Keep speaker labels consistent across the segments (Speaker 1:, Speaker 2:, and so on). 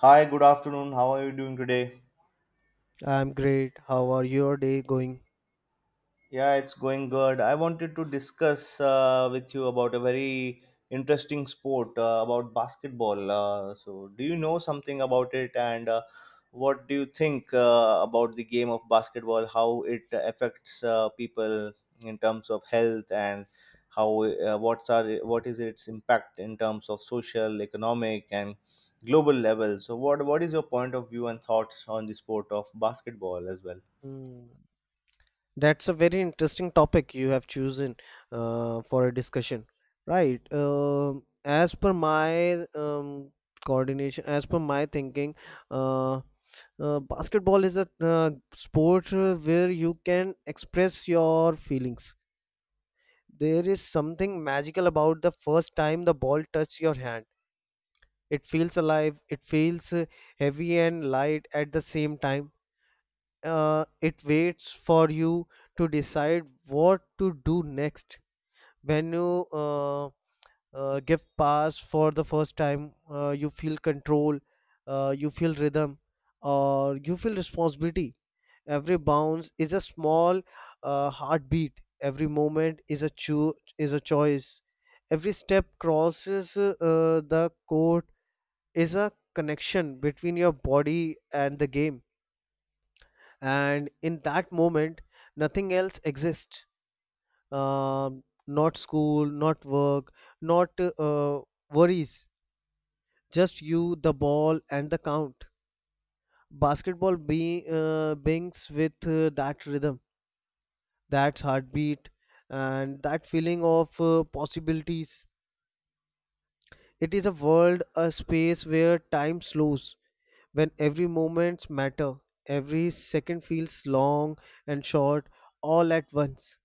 Speaker 1: Hi, good afternoon. How are you doing today?
Speaker 2: I'm great. How are your day going?
Speaker 1: Yeah, it's going good. I wanted to discuss with you about a very interesting sport about basketball. So, do you know something about it, and what do you think about the game of basketball, how it affects people in terms of health, and how what is its impact in terms of social, economic and global level? So what is your point of view and thoughts on the sport of basketball as well?
Speaker 2: Hmm. That's a very interesting topic you have chosen for a discussion, right? As per my coordination, as per my thinking, uh, basketball is a sport where you can express your feelings. There is something magical about the first time the ball touches your hand. It feels alive, it feels heavy and light at the same time. It waits for you to decide what to do next. When you give pass for the first time, you feel control, you feel rhythm, or you feel responsibility. Every bounce is a small heartbeat. Every moment is is a choice. Every step crosses the court is a connection between your body and the game, and in that moment nothing else exists. Um Not school, not work, not worries, just you, the ball, and the count. Basketball brings with that rhythm, that heartbeat, and that feeling of possibilities. It is a world, a space where time slows, when every moment matter, every second feels long and short all at once.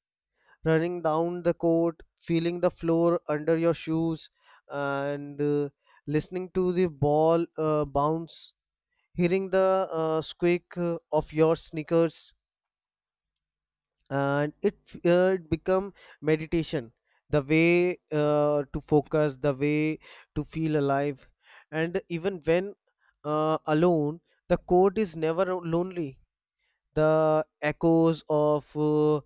Speaker 2: Running down the court, feeling the floor under your shoes, and listening to the ball bounce, hearing the squeak of your sneakers, and it become meditation. The way to focus, the way to feel alive, and even when alone, the court is never lonely. The echoes of uh,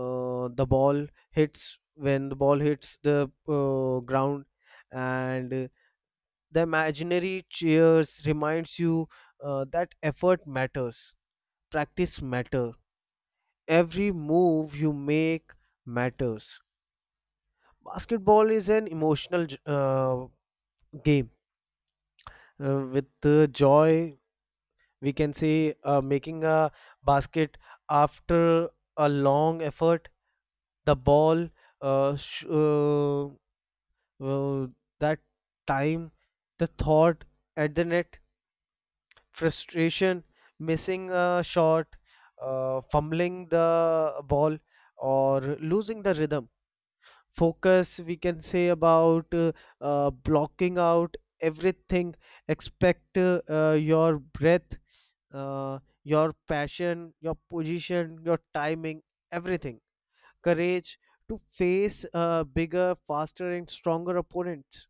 Speaker 2: uh, the ball hits when the ball hits the ground, and the imaginary cheers reminds you that effort matters, practice matter, every move you make matters. Basketball is an emotional game with joy, we can say making a basket after a long effort. The ball uh, sh- uh, uh, that time, the thought at the net, frustration, missing a shot, fumbling the ball, or losing the rhythm. Focus, we can say about blocking out everything expect your breath, your passion, your position, your timing, everything. Courage to face a bigger, faster, and stronger opponent.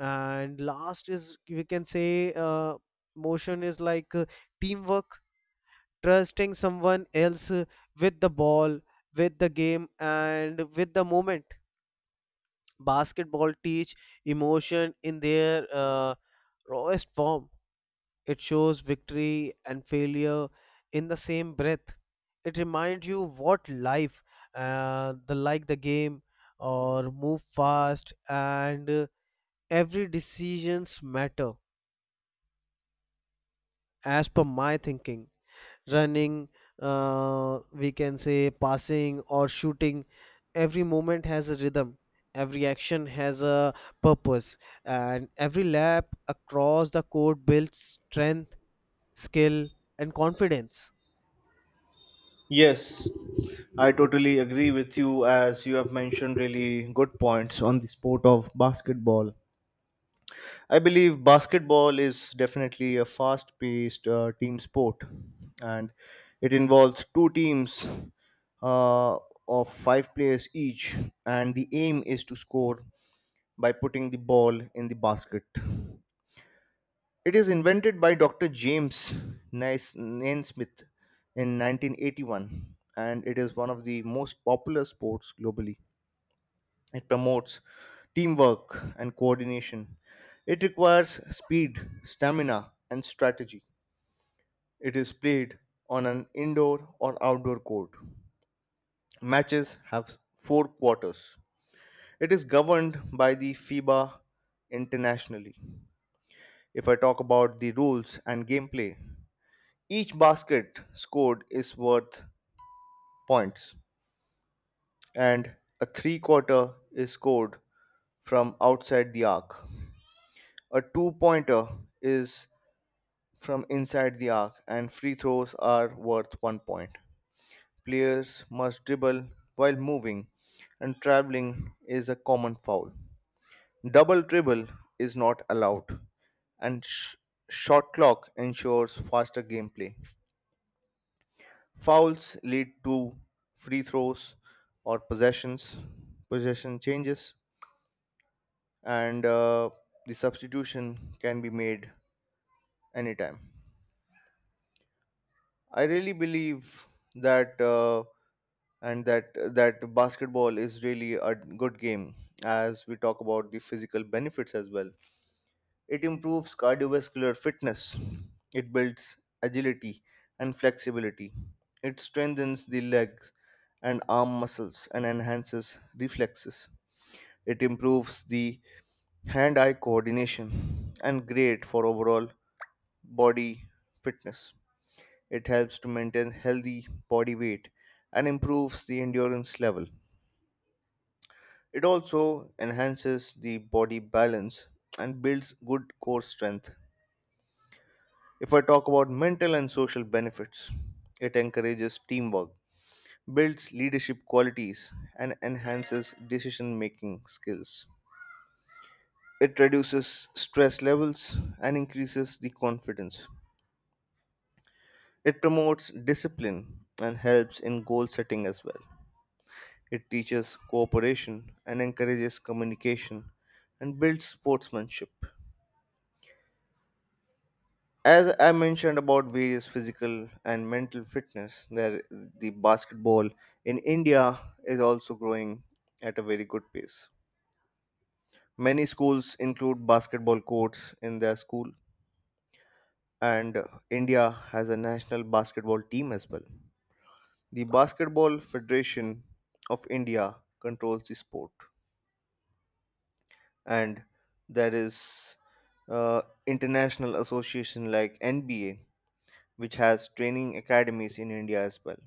Speaker 2: And last is, we can say, motion is like teamwork, trusting someone else with the ball, with the game, and with the moment. Basketball teach emotion in their rawest form. It shows victory and failure in the same breath. It reminds you what life, the like the game, or move fast, and every decisions matter. As per my thinking, running, we can say passing or shooting, every moment has a rhythm. Every action has a purpose, and every lap across the court builds strength, skill, and confidence.
Speaker 1: Yes, I totally agree with you as you have mentioned really good points on the sport of basketball. I believe basketball is definitely a fast paced team sport, and it involves two teams uh, of five players each, and the aim is to score by putting the ball in the basket. It is invented by Dr. James Naismith in 1981, and it is one of the most popular sports globally. It promotes teamwork and coordination. It requires speed, stamina, and strategy. It is played on an indoor or outdoor court. Matches have four quarters. It is governed by the FIBA internationally. If I talk about the rules and gameplay, each basket scored is worth points, and a three quarter is scored from outside the arc. A two pointer is from inside the arc, and free throws are worth 1 point. Players must dribble while moving, and traveling is a common foul. Double dribble is not allowed, and short clock ensures faster gameplay. Fouls lead to free throws or possessions, possession changes, and the substitution can be made anytime. I really believe that and that that basketball is really a good game, as we talk about the physical benefits as well. It improves cardiovascular fitness. It builds agility and flexibility. It strengthens the legs and arm muscles and enhances reflexes. It improves the hand eye coordination and great for overall body fitness. It helps to maintain healthy body weight and improves the endurance level. It also enhances the body balance and builds good core strength. If I talk about mental and social benefits, it encourages teamwork, builds leadership qualities, and enhances decision making skills. It reduces stress levels and increases the confidence. It promotes discipline and helps in goal setting as well. It teaches cooperation and encourages communication and builds sportsmanship. As I mentioned about various physical and mental fitness, there the basketball in India is also growing at a very good pace. Many schools include basketball courts in their school, and India has a national basketball team as well. The Basketball Federation of India controls the sport, and there is uh, international association like NBA, which has training academies in India as well.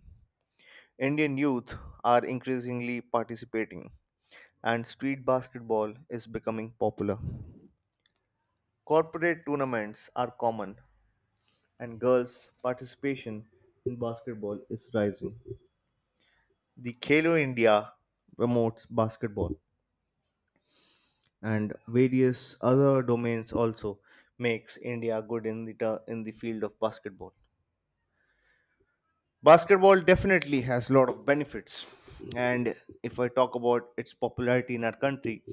Speaker 1: Indian youth are increasingly participating, and street basketball is becoming popular. Corporate tournaments are common, and girls' participation in basketball is rising. The Khelo India promotes basketball, and various other domains also makes India good in the in the field of basketball. Basketball definitely has a lot of benefits, and if I talk about its popularity in our country,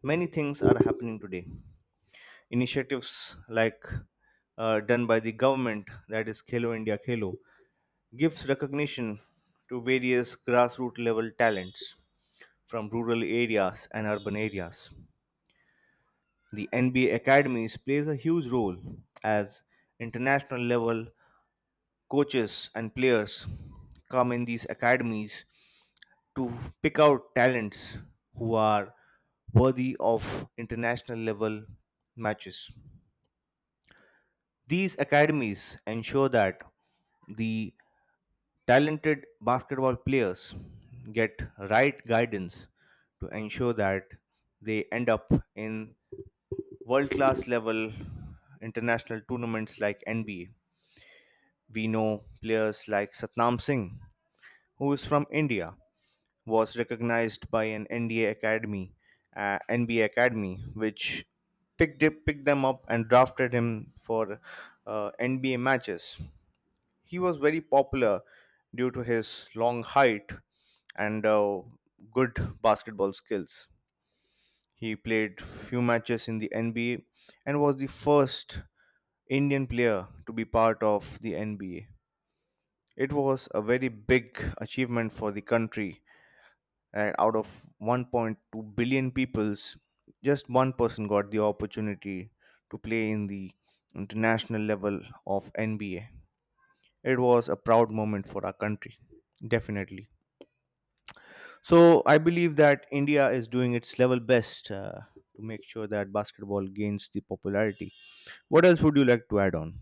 Speaker 1: many things are happening today. Initiatives like done by the government, that is Khelo India Khelo, gives recognition to various grassroots level talents from rural areas and urban areas. The NBA academies plays a huge role, as international level coaches and players come in these academies to pick out talents who are worthy of international level matches. These academies ensure that the talented basketball players get right guidance to ensure that they end up in world class level international tournaments like NBA. We know players like Satnam Singh, who is from India, was recognized by an NDA Academy, NBA Academy, which picked them up and drafted him for NBA matches. He was very popular due to his long height and good basketball skills. He played few matches in the NBA and was the first Indian player to be part of the NBA. It was a very big achievement for the country, and out of 1.2 billion peoples just one person got the opportunity to play in the international level of NBA. It was a proud moment for our country, definitely. So I believe that India is doing its level best to make sure that basketball gains the popularity. What else would you like to add on?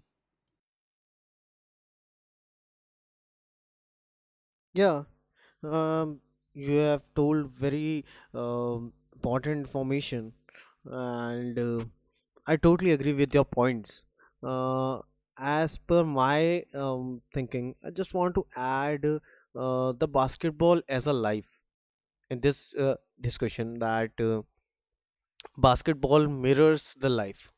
Speaker 2: Yeah, um, you have told very important information, and I totally agree with your points. Uh, as per my thinking, I just want to add the basketball as a life in this discussion that basketball mirrors the life.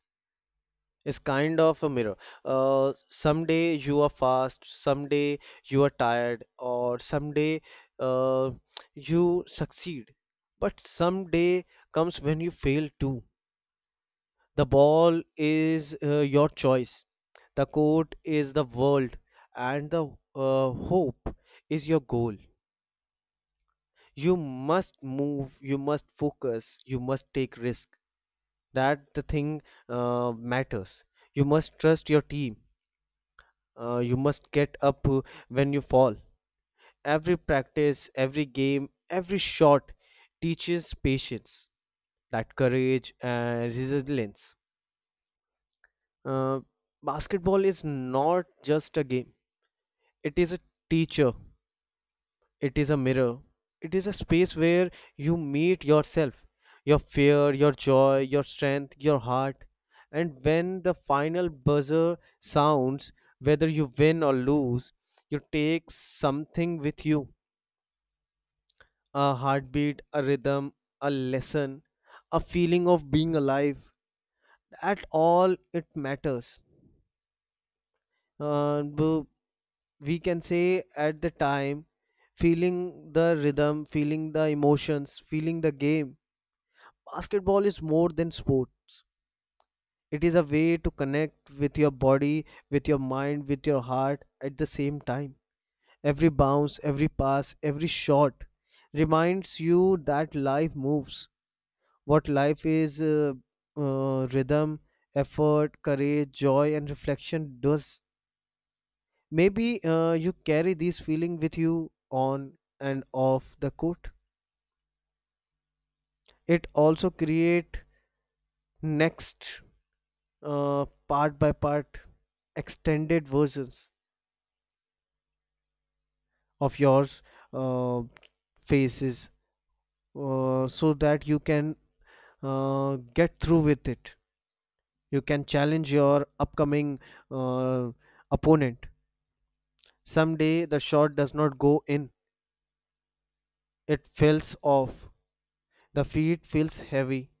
Speaker 2: It's kind of a mirror. Someday you are fast, someday you are tired, or someday uh, you succeed. But someday comes when you fail too. The ball is your choice, the court is the world, and the hope is your goal. You must move, you must focus, you must take risk. That the thing matters. You must trust your team. You must get up when you fall. Every practice, every game, every shot teaches patience, that courage and resilience. Uh, Basketball is not just a game, it is a teacher, it is a mirror, it is a space where you meet yourself, your fear, your joy, your strength, your heart. And when the final buzzer sounds, whether you win or lose, you take something with you, a heartbeat, a rhythm, a lesson, a feeling of being alive. At all, it matters. And uh, b- we can say at the time, feeling the rhythm, feeling the emotions, feeling the game. Basketball is more than sports. It is a way to connect with your body, with your mind, with your heart at the same time. Every bounce, every pass, every shot reminds you that life moves. What life is, rhythm, effort, courage, joy, and reflection does. Maybe you carry these feeling with you on and off the court. It also create next, part by part, extended versions of yours, uh, faces, so that you can get through with it. You can challenge your upcoming uh, opponent. Someday the shot does not go in, it fells off, the feet feels heavy,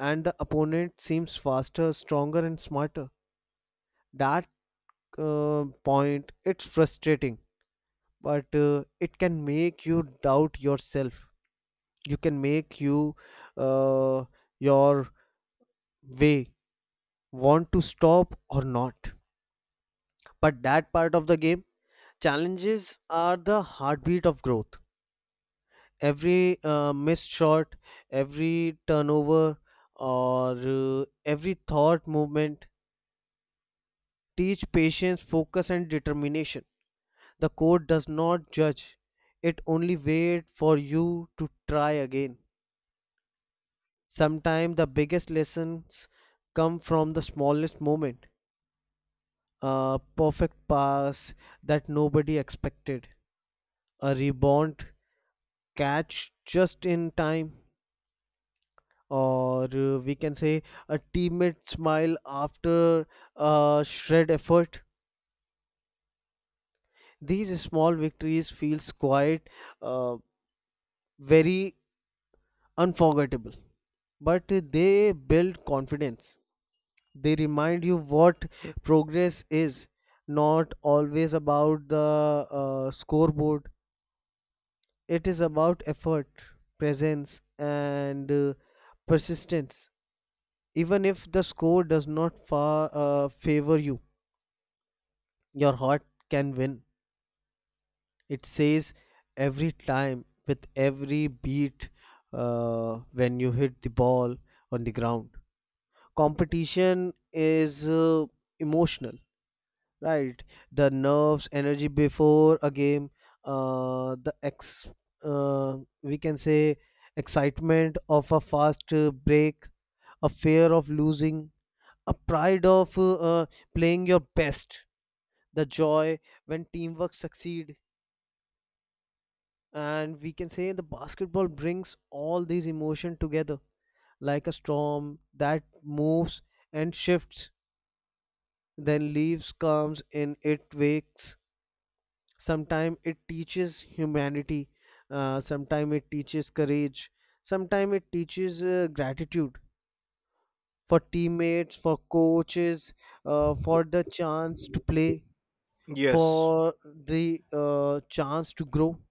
Speaker 2: and the opponent seems faster, stronger, and smarter. That point, it's frustrating, but it can make you doubt yourself. You can make you uh, your way want to stop or not. But that part of the game, challenges are the heartbeat of growth. Every missed shot, every turnover, or every thought movement teach patience, focus, and determination. The court does not judge, it only waits for you to try again. Sometimes the biggest lessons come from the smallest moment, a perfect pass that nobody expected, a rebound catch just in time, or we can say a teammate smile after a shred effort. These small victories feels quite uh, very unforgettable, but they build confidence. They remind you what progress is, not always about the scoreboard. It is about effort, presence, and persistence. Even if the score does not favor you, your heart can win. It says every time with every beat when you hit the ball on the ground. Competition is emotional, right? The nerves, energy before a game, uh, the ex, we can say excitement of a fast break, a fear of losing, a pride of playing your best, the joy when teamwork succeed, and we can say the basketball brings all these emotion together like a storm that moves and shifts, then leaves comes in it wakes. Sometimes it teaches humanity, sometime it teaches courage. Sometimes it teaches gratitude for teammates, for coaches, for the chance to play,
Speaker 1: Yes.
Speaker 2: for the chance to grow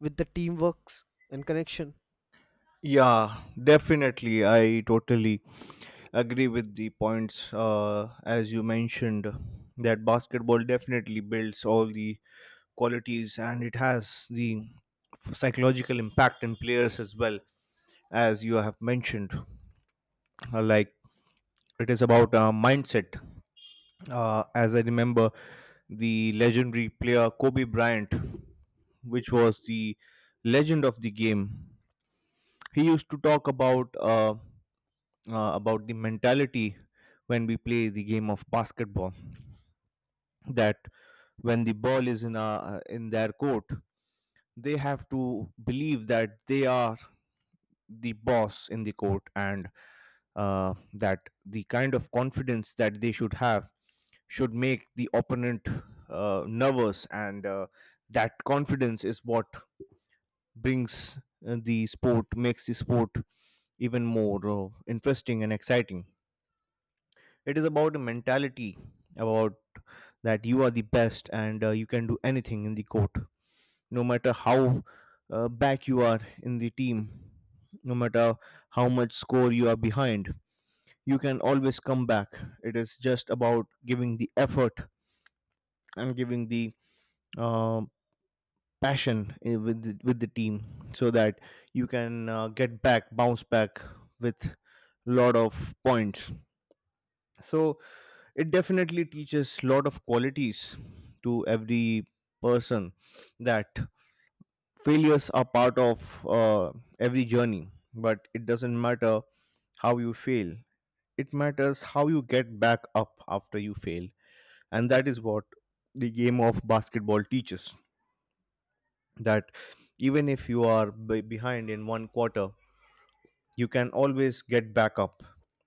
Speaker 2: with the teamworks and connection.
Speaker 1: Yeah, definitely, I totally agree with the points as you mentioned, that basketball definitely builds all the qualities, and it has the psychological impact in players as well, as you have mentioned. Like, it is about mindset, as I remember the legendary player Kobe Bryant, which was the legend of the game. He used to talk about the mentality when we play the game of basketball, that when the ball is in in their court, they have to believe that they are the boss in the court, and that, the kind of confidence that they should have should make the opponent nervous, and that confidence is what brings the sport makes the sport even more interesting and exciting. It is about a mentality, about that you are the best and you can do anything in the court, no matter how back you are in the team, no matter how much score you are behind, you can always come back. It is just about giving the effort and giving the uh, passion with with the team, so that you can bounce back with lot of points. So it definitely teaches lot of qualities to every person, that failures are part of uh, every journey, but it doesn't matter how you fail, it matters how you get back up after you fail. And that is what the game of basketball teaches, that even if you are behind in one quarter, you can always get back up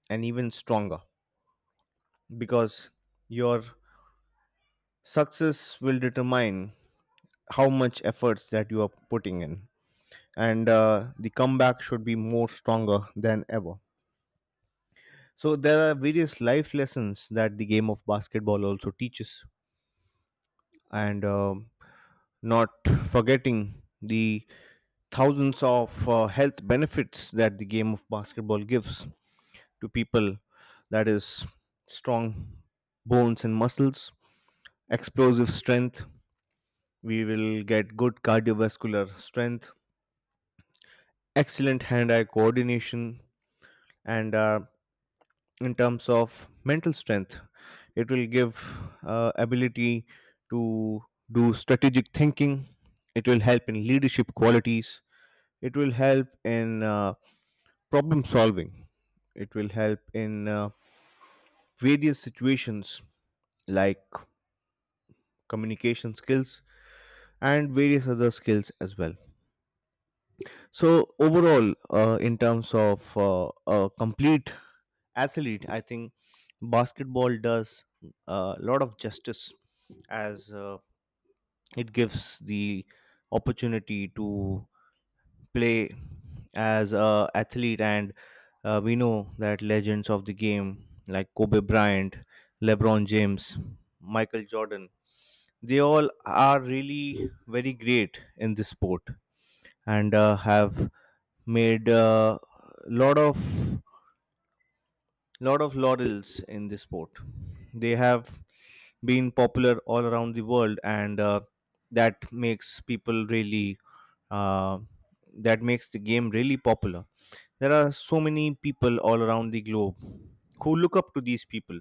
Speaker 1: and even stronger, because your success will determine how much efforts that you are putting in, and the comeback should be more stronger than ever. So there are various life lessons that the game of basketball also teaches, and not forgetting the thousands of health benefits that the game of basketball gives to people. That is strong bones and muscles, explosive strength. We will get good cardiovascular strength, excellent hand-eye coordination, and in terms of mental strength, it will give ability to do strategic thinking, it will help in leadership qualities, it will help in problem solving, it will help in various situations like communication skills and various other skills as well. So overall, in terms of a complete athlete, I think basketball does a lot of justice, as it gives the opportunity to play as a athlete, and we know that legends of the game like Kobe Bryant, LeBron James, Michael Jordan, they all are really very great in this sport, and have made a lot of lot of laurels in this sport. They have been popular all around the world, and that makes people really uh, that makes the game really popular. There are so many people all around the globe who look up to these people.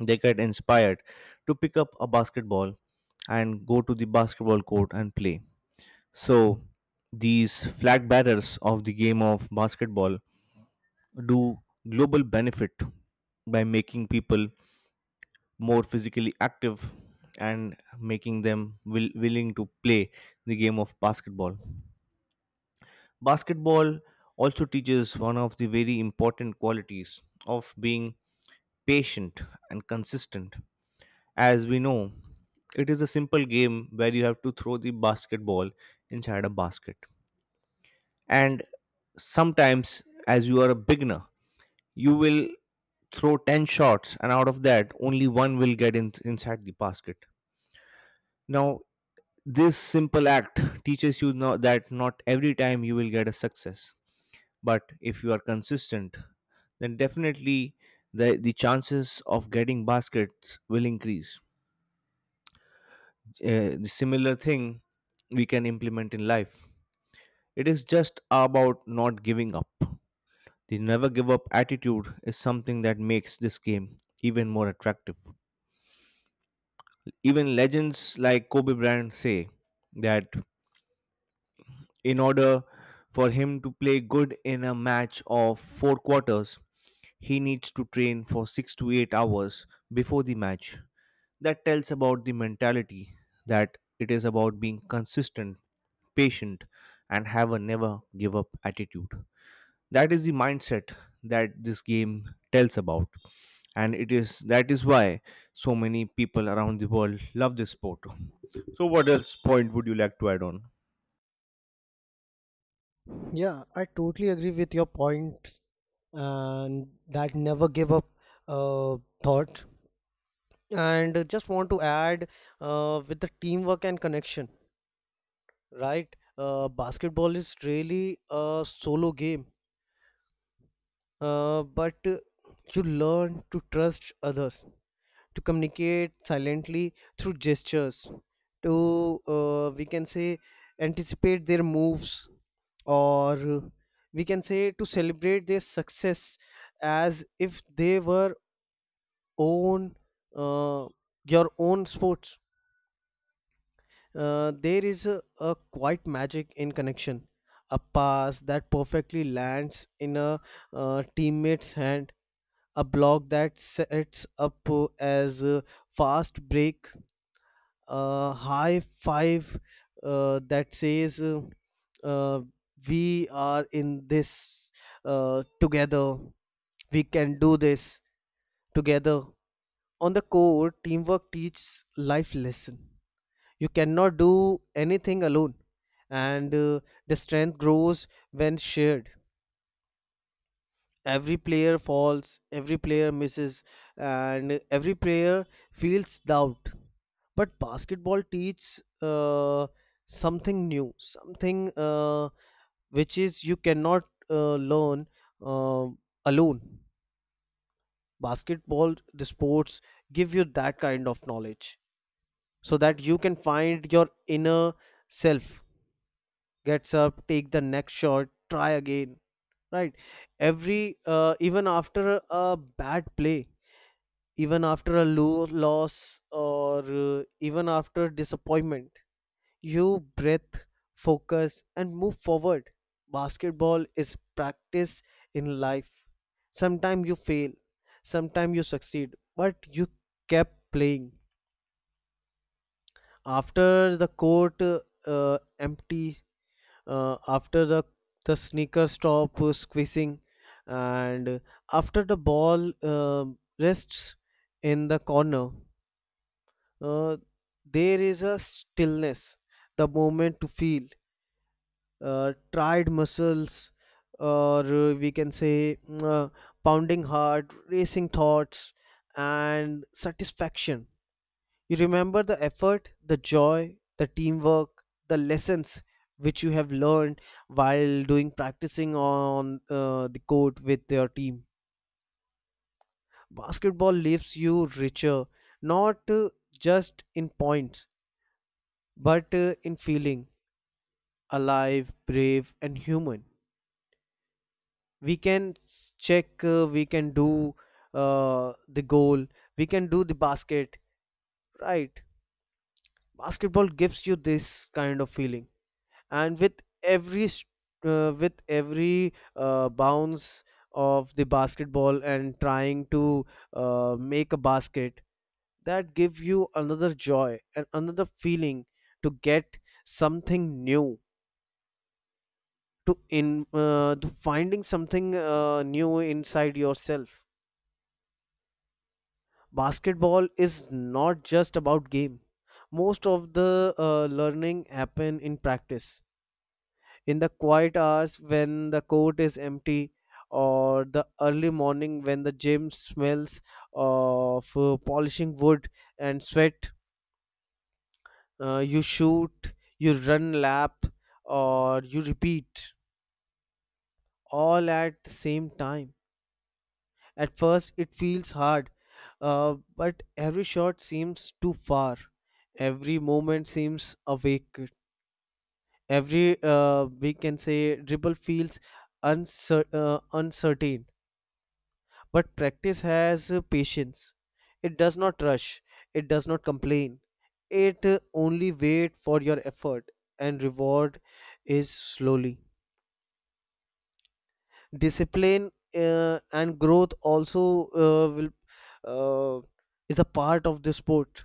Speaker 1: They get inspired to pick up a basketball and go to the basketball court and play. So these flag bearers of the game of basketball do global benefit by making people more physically active and making them willing to play the game of basketball. Basketball also teaches one of the very important qualities of being patient and consistent. As we know, it is a simple game where you have to throw the basketball inside a basket. And sometimes, as you are a beginner, you will throw 10 shots, and out of that, only one will get in, inside the basket. Now, this simple act teaches you that not every time you will get a success, but if you are consistent, then definitely the chances of getting baskets will increase. The similar thing we can implement in life. It is just about not giving up. The never give up attitude is something that makes this game even more attractive. Even legends like Kobe Bryant say that, in order for him to play good in a match of four quarters, he needs to train for 6 to 8 hours before the match. That tells about the mentality, that it is about being consistent, patient, and have a never give up attitude. That is the mindset that this game tells about. And it is that is why so many people around the world love this sport. So what else point would you like to add on?
Speaker 2: Yeah, I totally agree with your points and that never give up thought. And just want to add with the teamwork and connection, right? Basketball is really a solo game, but you learn to trust others, to communicate silently through gestures, to we can say anticipate their moves, or we can say to celebrate their success as if they were own, uh, your own sports. There is a quite magic in connection, a pass that perfectly lands in a teammate's hand, a block that sets up as a fast break, a high five that says uh, we are in this together, we can do this together. On the core, teamwork teaches life lesson. You cannot do anything alone, and the strength grows when shared. Every player falls, every player misses, and every player feels doubt, but basketball teaches something new, something which is you cannot learn uh, alone. Basketball, the sports, give you that kind of knowledge so that you can find your inner self, gets up, take the next shot, try again, right? Every even after a bad play, even after a loss, or even after disappointment, you breathe, focus, and move forward. Basketball is practice in life. Sometimes you fail, sometimes you succeed, but you kept playing. After the court empty, after the sneaker stop squeezing, and after the ball rests in the corner, uh, there is a stillness, the moment to feel tried muscles, or we can say mm, pounding heart, racing thoughts, and satisfaction. You remember the effort, the joy, the teamwork, the lessons which you have learned while doing practicing on the court with your team. Basketball leaves you richer, not just in points, but in feeling alive, brave, and human. We can s- check we can do the goal, we can do the basket, right? Basketball gives you this kind of feeling, and with with every bounce of the basketball and trying to make a basket, that give you another joy and another feeling to get something new, to finding something new inside yourself. Basketball is not just about game. Most of the learning happen in practice, in the quiet hours when the court is empty, or the early morning when the gym smells of polishing wood and sweat. You shoot, you run lap, or you repeat, all at the same time. At first, it feels hard, but every shot seems too far. Every moment seems awake. Every, we can say, dribble feels uncertain. But practice has patience. It does not rush, it does not complain. It only wait for your effort, and reward is slowly. Discipline and growth also will uh, is a part of the sport.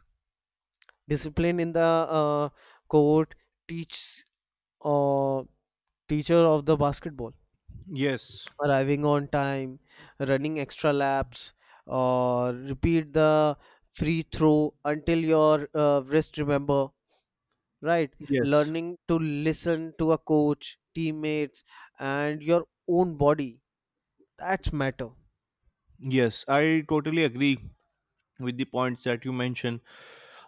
Speaker 2: Discipline in the uh, court teach, uh, teacher of the basketball,
Speaker 1: Yes.
Speaker 2: arriving on time, running extra laps, or repeat the free throw until your wrist remember, right?
Speaker 1: Yes.
Speaker 2: Learning to listen to a coach, teammates, and your own body, that's matter.
Speaker 1: Yes, I totally agree with the points that you mentioned.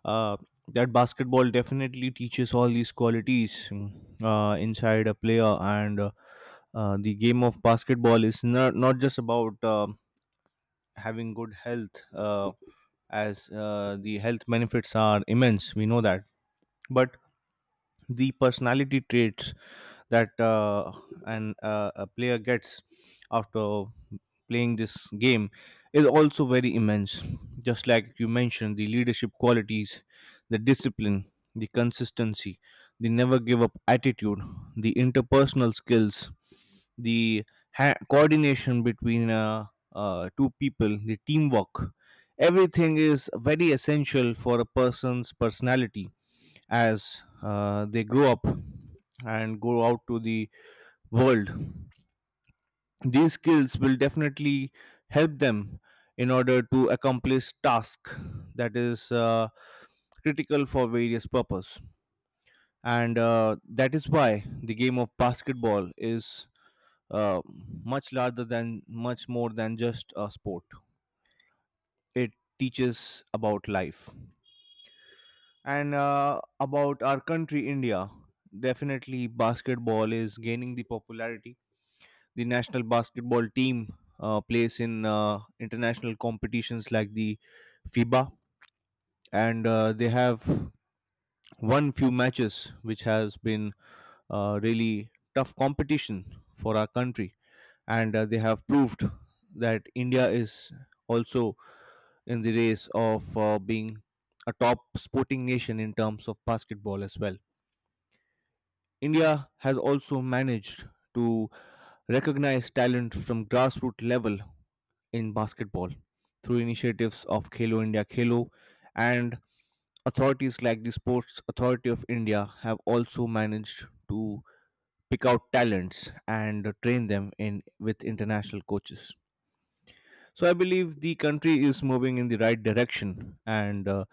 Speaker 1: Uh, that basketball definitely teaches all these qualities inside a player, and the game of basketball is not just about having good health, as the health benefits are immense. We know that, but the personality traits that an a player gets after playing this game is also very immense, just like you mentioned, the leadership qualities, the discipline, the consistency, the never give up attitude, the interpersonal skills, the coordination between two people, the teamwork, everything is very essential for a person's personality as they grow up and go out to the world. These skills will definitely help them in order to accomplish task that is critical for various purpose. And that is why the game of basketball is uh, much larger than much more than just a sport. It teaches about life. And about our country, India, definitely basketball is gaining the popularity. The national basketball team plays in international competitions like the FIBA, and they have won few matches, which has been really tough competition for our country. And they have proved that India is also in the race of being a top sporting nation in terms of basketball as well. India has also managed to recognize talent from grassroots level in basketball through initiatives of Khelo India Khelo, and authorities like the Sports Authority of India have also managed to pick out talents and train them in with international coaches. So I believe the country is moving in the right direction, and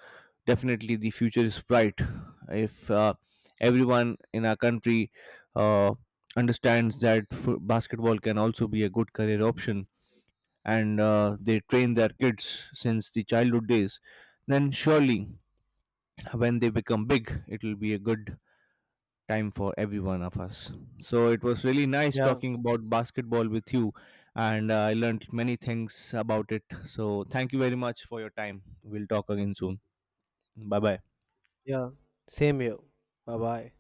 Speaker 1: definitely the future is bright if everyone in our country uh, understands that basketball can also be a good career option, and they train their kids since the childhood days, then surely when they become big it will be a good time for every one of us. So it was really nice
Speaker 2: Yeah.
Speaker 1: talking about basketball with you, and I learned many things about it, so thank you very much for your time. We'll talk again soon. Bye bye.
Speaker 2: Yeah, same here. Bye bye.